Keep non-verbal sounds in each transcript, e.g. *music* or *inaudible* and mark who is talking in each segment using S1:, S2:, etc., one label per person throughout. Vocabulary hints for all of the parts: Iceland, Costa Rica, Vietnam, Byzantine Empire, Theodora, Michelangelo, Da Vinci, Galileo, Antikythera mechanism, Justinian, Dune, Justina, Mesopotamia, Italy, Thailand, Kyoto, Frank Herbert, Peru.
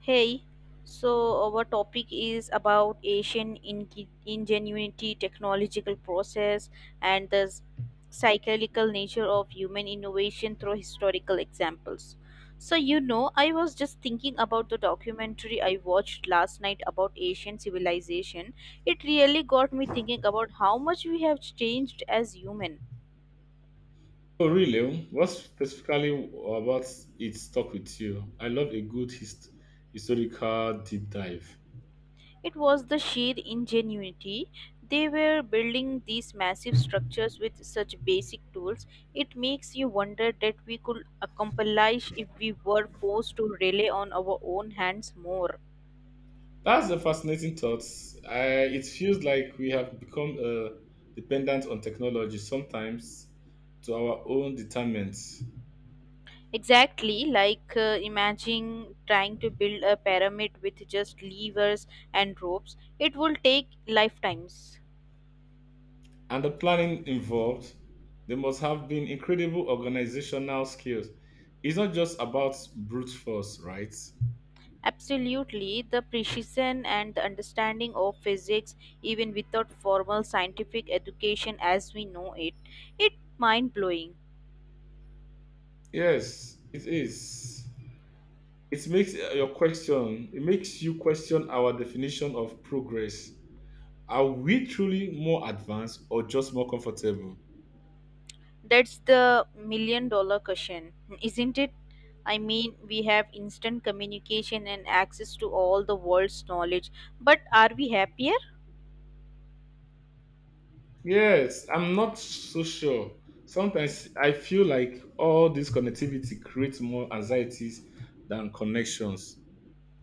S1: Hey, so our topic is about ingenuity, technological process, and cyclical nature of human innovation through historical examples. So, I was just thinking about the documentary I watched last night about Asian civilization. It really got me thinking about how much we have changed as human.
S2: Oh, really? What specifically about it stuck with you? I love a good historical deep dive.
S1: It was the sheer ingenuity. They were building these massive structures with such basic tools. It makes you wonder that we could accomplish if we were forced to rely on our own hands more.
S2: That's a fascinating thought. It feels like we have become dependent on technology sometimes to our own determinant.
S1: Exactly, like imagine trying to build a pyramid with just levers and ropes. It will take lifetimes.
S2: And the planning involved, there must have been incredible organizational skills. It's not just about brute force, right?
S1: Absolutely, the precision and the understanding of physics, even without formal scientific education as we know it, it mind blowing.
S2: Yes, it is. It makes It makes you question our definition of progress. Are we truly more advanced or just more comfortable?
S1: That's the million dollar question, isn't it? I mean, we have instant communication and access to all the world's knowledge, but are we happier?
S2: Yes, I'm not so sure. Sometimes I feel like all this connectivity creates more anxieties than connections.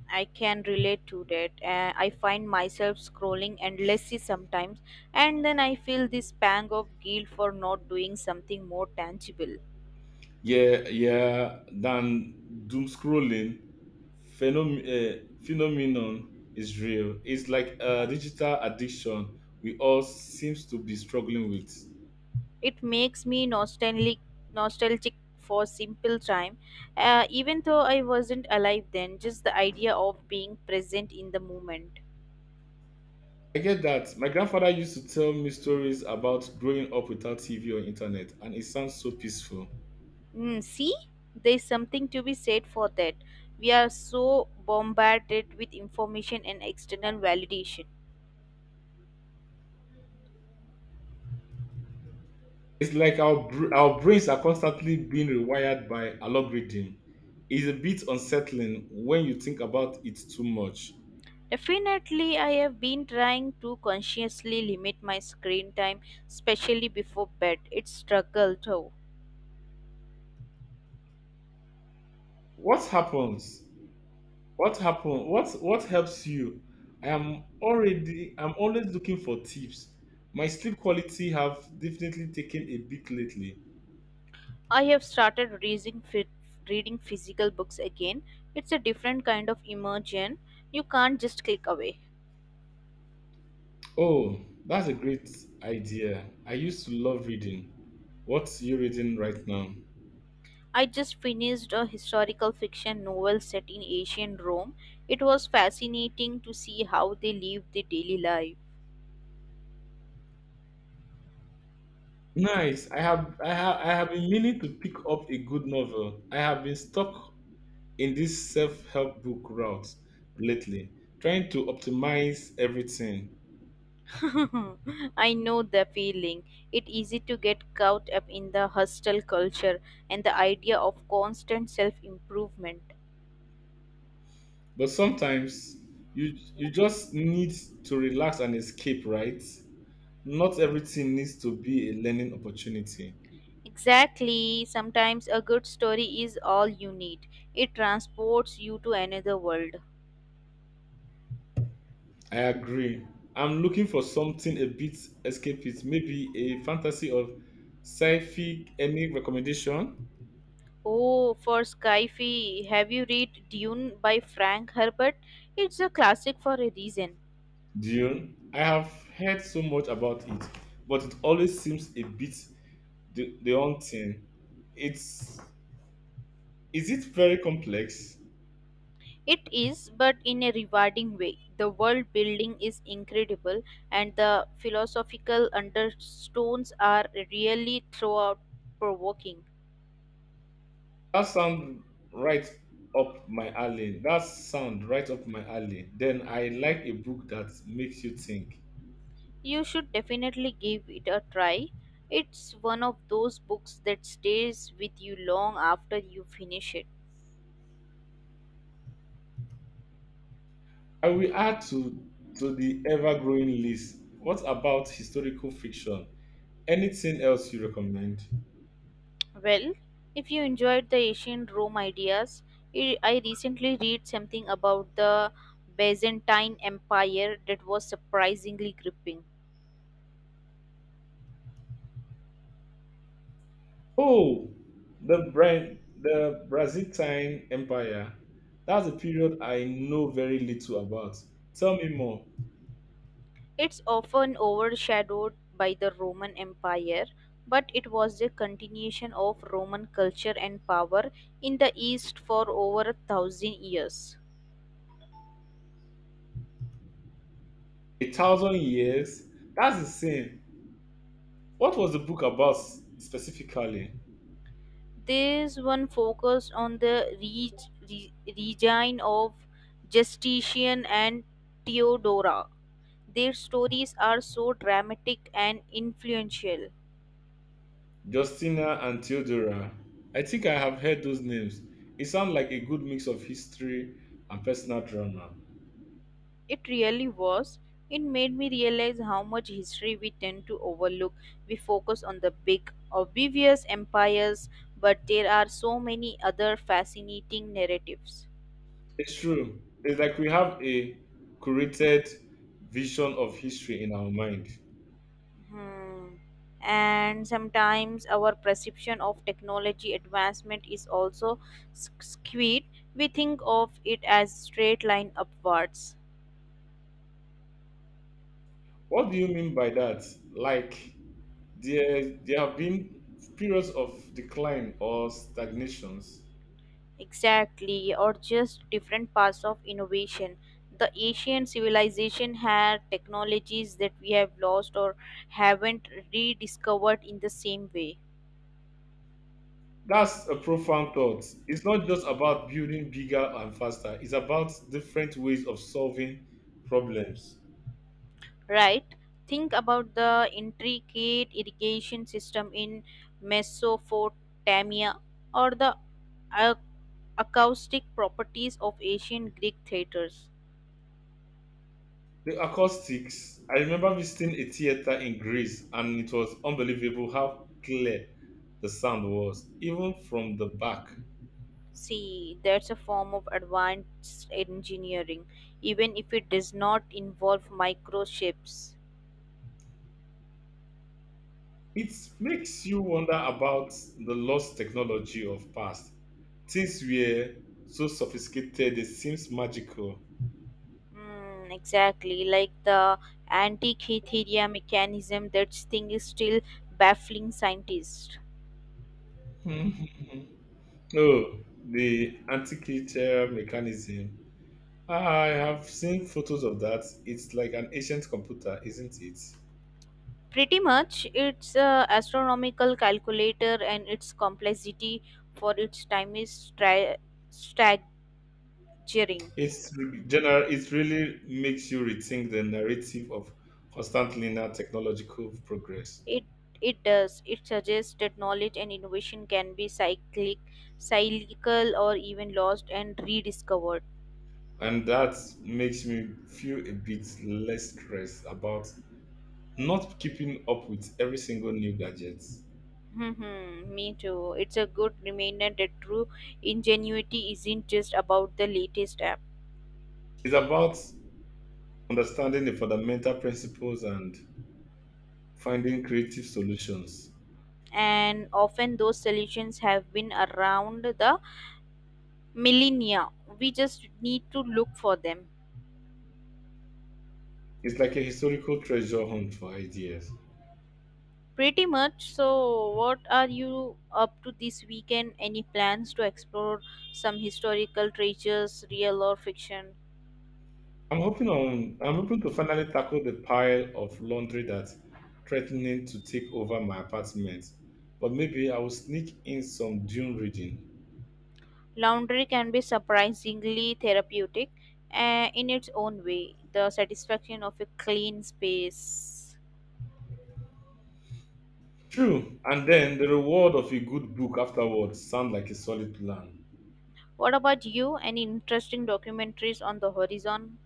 S1: I can relate to that. I find myself scrolling endlessly sometimes, and then I feel this pang of guilt for not doing something more tangible.
S2: Yeah, yeah, than doom scrolling phenomenon is real. It's like a digital addiction we all seems to be struggling with.
S1: It makes me nostalgic for simple time, even though I wasn't alive then. Just the idea of being present in the moment.
S2: I get that. My grandfather used to tell me stories about growing up without TV or internet, and it sounds so peaceful.
S1: See, there's something to be said for that. We are so bombarded with information and external validation.
S2: It's like our our brains are constantly being rewired by algorithm. It's a bit unsettling when you think about it too much.
S1: Definitely, I have been trying to consciously limit my screen time, especially before bed. It's struggle though.
S2: What happens? What happen? What helps you? I am already. I'm always looking for tips. My sleep quality have definitely taken a beat lately.
S1: I have started reading physical books again. It's a different kind of immersion. You can't just click away.
S2: Oh, that's a great idea. I used to love reading. What you reading right now?
S1: I just finished a historical fiction novel set in ancient Rome. It was fascinating to see how they lived their daily life.
S2: Nice. I have been meaning to pick up a good novel. I have been stuck in this self-help book route lately, trying to optimize everything.
S1: *laughs* I know the feeling. It's easy to get caught up in the hostile culture and the idea of constant self improvement.
S2: But sometimes you just need to relax and escape, right? Not everything needs to be a learning opportunity.
S1: Exactly. Sometimes a good story is all you need. It transports you to another world.
S2: I agree. I'm looking for something a bit escapist, maybe a fantasy or sci-fi. Any recommendation?
S1: Oh, for Skyfi, have you read Dune by Frank Herbert? It's a classic for a reason.
S2: Dune. I have heard so much about it, but it always seems a bit the haunting. It's, is it very complex?
S1: It is, but in a rewarding way. The world building is incredible, and the philosophical undertones are really throughout provoking.
S2: That sound right That sound right up my alley. Then I like a book that makes you think.
S1: You should definitely give it a try. It's one of those books that stays with you long after you finish it.
S2: I will add to the ever-growing list. What about historical fiction? Anything else you recommend?
S1: Well, if you enjoyed the ancient Rome ideas, I recently read something about the Byzantine Empire that was surprisingly gripping.
S2: Oh, the the Byzantine Empire. That's a period I know very little about. Tell me more.
S1: It's often overshadowed by the Roman Empire, but it was a continuation of Roman culture and power in the East for over a thousand years.
S2: A thousand years? That's insane. What was the book about specifically?
S1: This one focused on the regine of Justinian and Theodora. Their stories are so dramatic and influential.
S2: Justina and Theodora. I think I have heard those names. It sounds like a good mix of history and personal drama.
S1: It really was. It made me realize how much history we tend to overlook. We focus on the big, obvious empires, but there are so many other fascinating narratives.
S2: It's true. It's like we have a curated vision of history in our mind.
S1: Hmm. And sometimes our perception of technology advancement is also skewed. We think of it as straight line upwards.
S2: What do you mean by that? Like there have been periods of decline or stagnations.
S1: Exactly, or just different paths of innovation. The Asian civilization had technologies that we have lost or haven't rediscovered in the same way.
S2: That's a profound thought. It's not just about building bigger and faster. It's about different ways of solving problems.
S1: Right? Think about the intricate irrigation system in Mesopotamia or the ac- acoustic properties of ancient Greek theaters.
S2: The acoustics. I remember visiting a theater in Greece, and it was unbelievable how clear the sound was, even from the back.
S1: See, that's a form of advanced engineering, even if it does not involve microchips.
S2: It makes you wonder about the lost technology of past. Things were so sophisticated they seems magical.
S1: Exactly, like the anti-Kythera mechanism, that thing is still baffling scientists.
S2: Hmm. Oh, the antiquarian mechanism. I have seen photos of that. It's like an ancient computer, isn't it?
S1: Pretty much, its astronomical calculator and its complexity for its time is staggering.
S2: It's re- general. It really makes you rethink the narrative of constant linear technological progress,
S1: It it does. It suggests that knowledge and innovation can be cyclical, or even lost and rediscovered.
S2: and that makes me feel a bit less stressed about not keeping up with every single new gadget.
S1: Me too. It's a good reminder that true ingenuity isn't just about the latest app,
S2: It's about understanding the fundamental principles and finding creative solutions.
S1: and often those solutions have been around the millennia. We just need to look for them.
S2: It's like a historical treasure hunt for ideas.
S1: Pretty much. So, what are you up to this weekend? Any plans to explore some historical treasures, real or fiction?
S2: I'm hoping to finally tackle the pile of laundry that's threatening to take over my apartment. But maybe I will sneak in some dune reading.
S1: Laundry can be surprisingly therapeutic in its own way, the satisfaction of a clean space.
S2: True, and then the reward of a good book afterwards sounds like a solid plan.
S1: What about you? Any interesting documentaries on the horizon?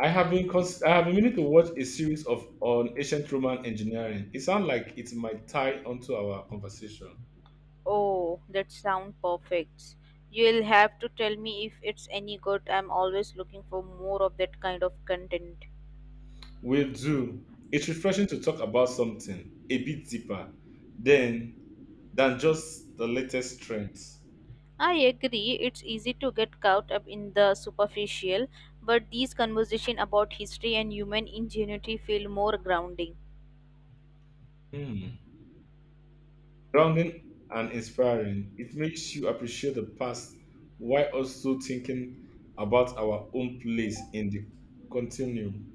S2: I have been meaning to watch a series of on ancient Roman engineering. It sounds like it might tie onto our conversation.
S1: Oh, that sounds perfect. You'll have to tell me if it's any good. I'm always looking for more of that kind of content.
S2: Will do. It's refreshing to talk about something a bit deeper than than just the latest trends.
S1: I agree, it's easy to get caught up in the superficial, but these conversations about history and human ingenuity feel more grounding.
S2: Hmm. Grounding and inspiring. It makes you appreciate the past while also thinking about our own place in the continuum.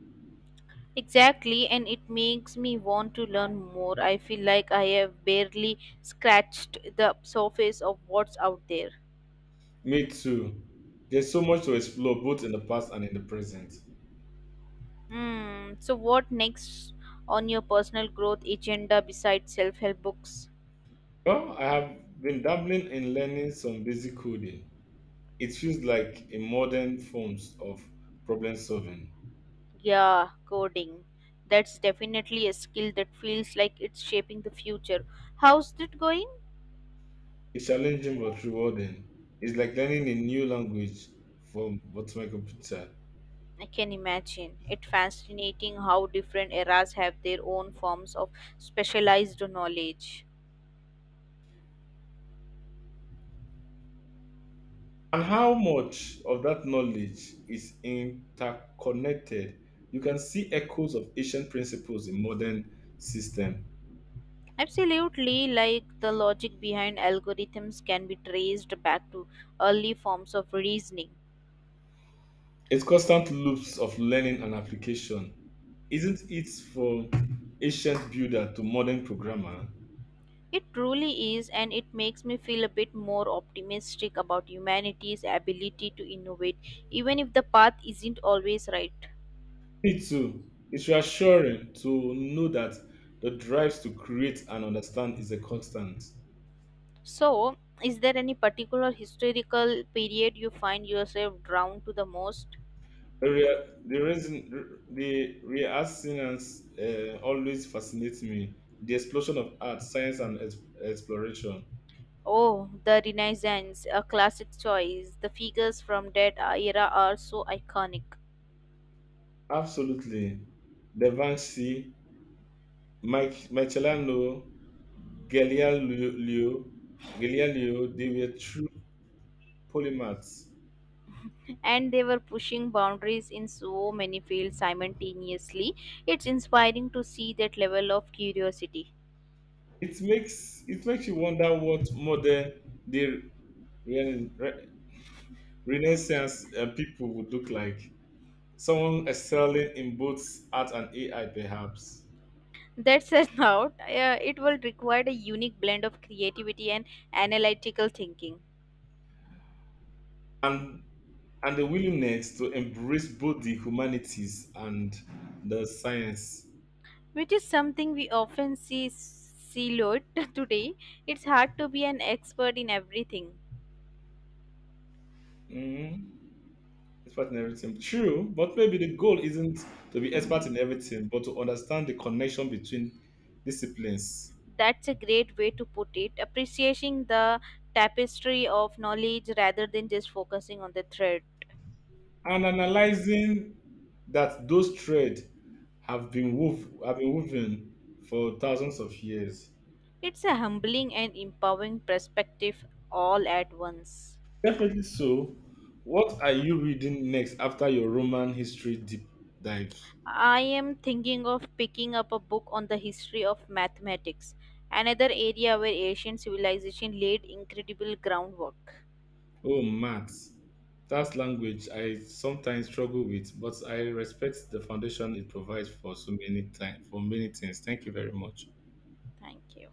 S1: Exactly, and it makes me want to learn more. I feel like I have barely scratched the surface of what's out there.
S2: Me too. There's so much to explore both in the past and in the present.
S1: Hmm, so, what next on your personal growth agenda besides self help books?
S2: Well, I have been dabbling in learning some basic coding. It feels like a modern forms of problem solving.
S1: Yeah, coding. That's definitely a skill that feels like it's shaping the future. How's it going?
S2: It's challenging but rewarding. It's like learning a new language from but my computer.
S1: I can imagine. It's fascinating how different eras have their own forms of specialized knowledge.
S2: And how much of that knowledge is interconnected? You can see echoes of ancient principles in modern system.
S1: Absolutely, like the logic behind algorithms can be traced back to early forms of reasoning.
S2: It's constant loops of learning and application. Isn't it from ancient builder to modern programmer?
S1: It truly is, and it makes me feel a bit more optimistic about humanity's ability to innovate, even if the path isn't always right.
S2: Me too. It's reassuring to know that the drives to create and understand is a constant.
S1: So, is there any particular historical period you find yourself drawn to the most?
S2: The, rea- the reassurance always fascinates me. The explosion of art, science, and exploration.
S1: Oh, the Renaissance, a classic choice. The figures from that era are so iconic.
S2: Absolutely. Da Vinci, Michelangelo, Galileo, Galileo, they were true polymaths.
S1: And they were pushing boundaries in so many fields simultaneously. It's inspiring to see that level of curiosity.
S2: It makes you wonder what modern they Renaissance people would look like, someone excelling in both art and AI, perhaps,
S1: That said, *laughs* now it will require a unique blend of creativity and analytical thinking,
S2: and and the willingness to embrace both the humanities and the science.
S1: which is something we often see siloed *laughs* today. It's hard to be an expert in everything.
S2: Mm, expert in everything, true, but maybe the goal isn't to be expert in everything, but to understand the connection between disciplines
S1: That's a great way to put it. Appreciating the tapestry of knowledge rather than just focusing on the thread.
S2: and analyzing that those threads have been woven for thousands of years.
S1: It's a humbling and empowering perspective all at once.
S2: Definitely so. What are you reading next after your Roman history deep dives?
S1: I am thinking of picking up a book on the history of mathematics, another area where ancient civilization laid incredible groundwork.
S2: Oh, maths. That's language I sometimes struggle with, but I respect the foundation it provides for so many time for many things. Thank you very much.
S1: Thank you.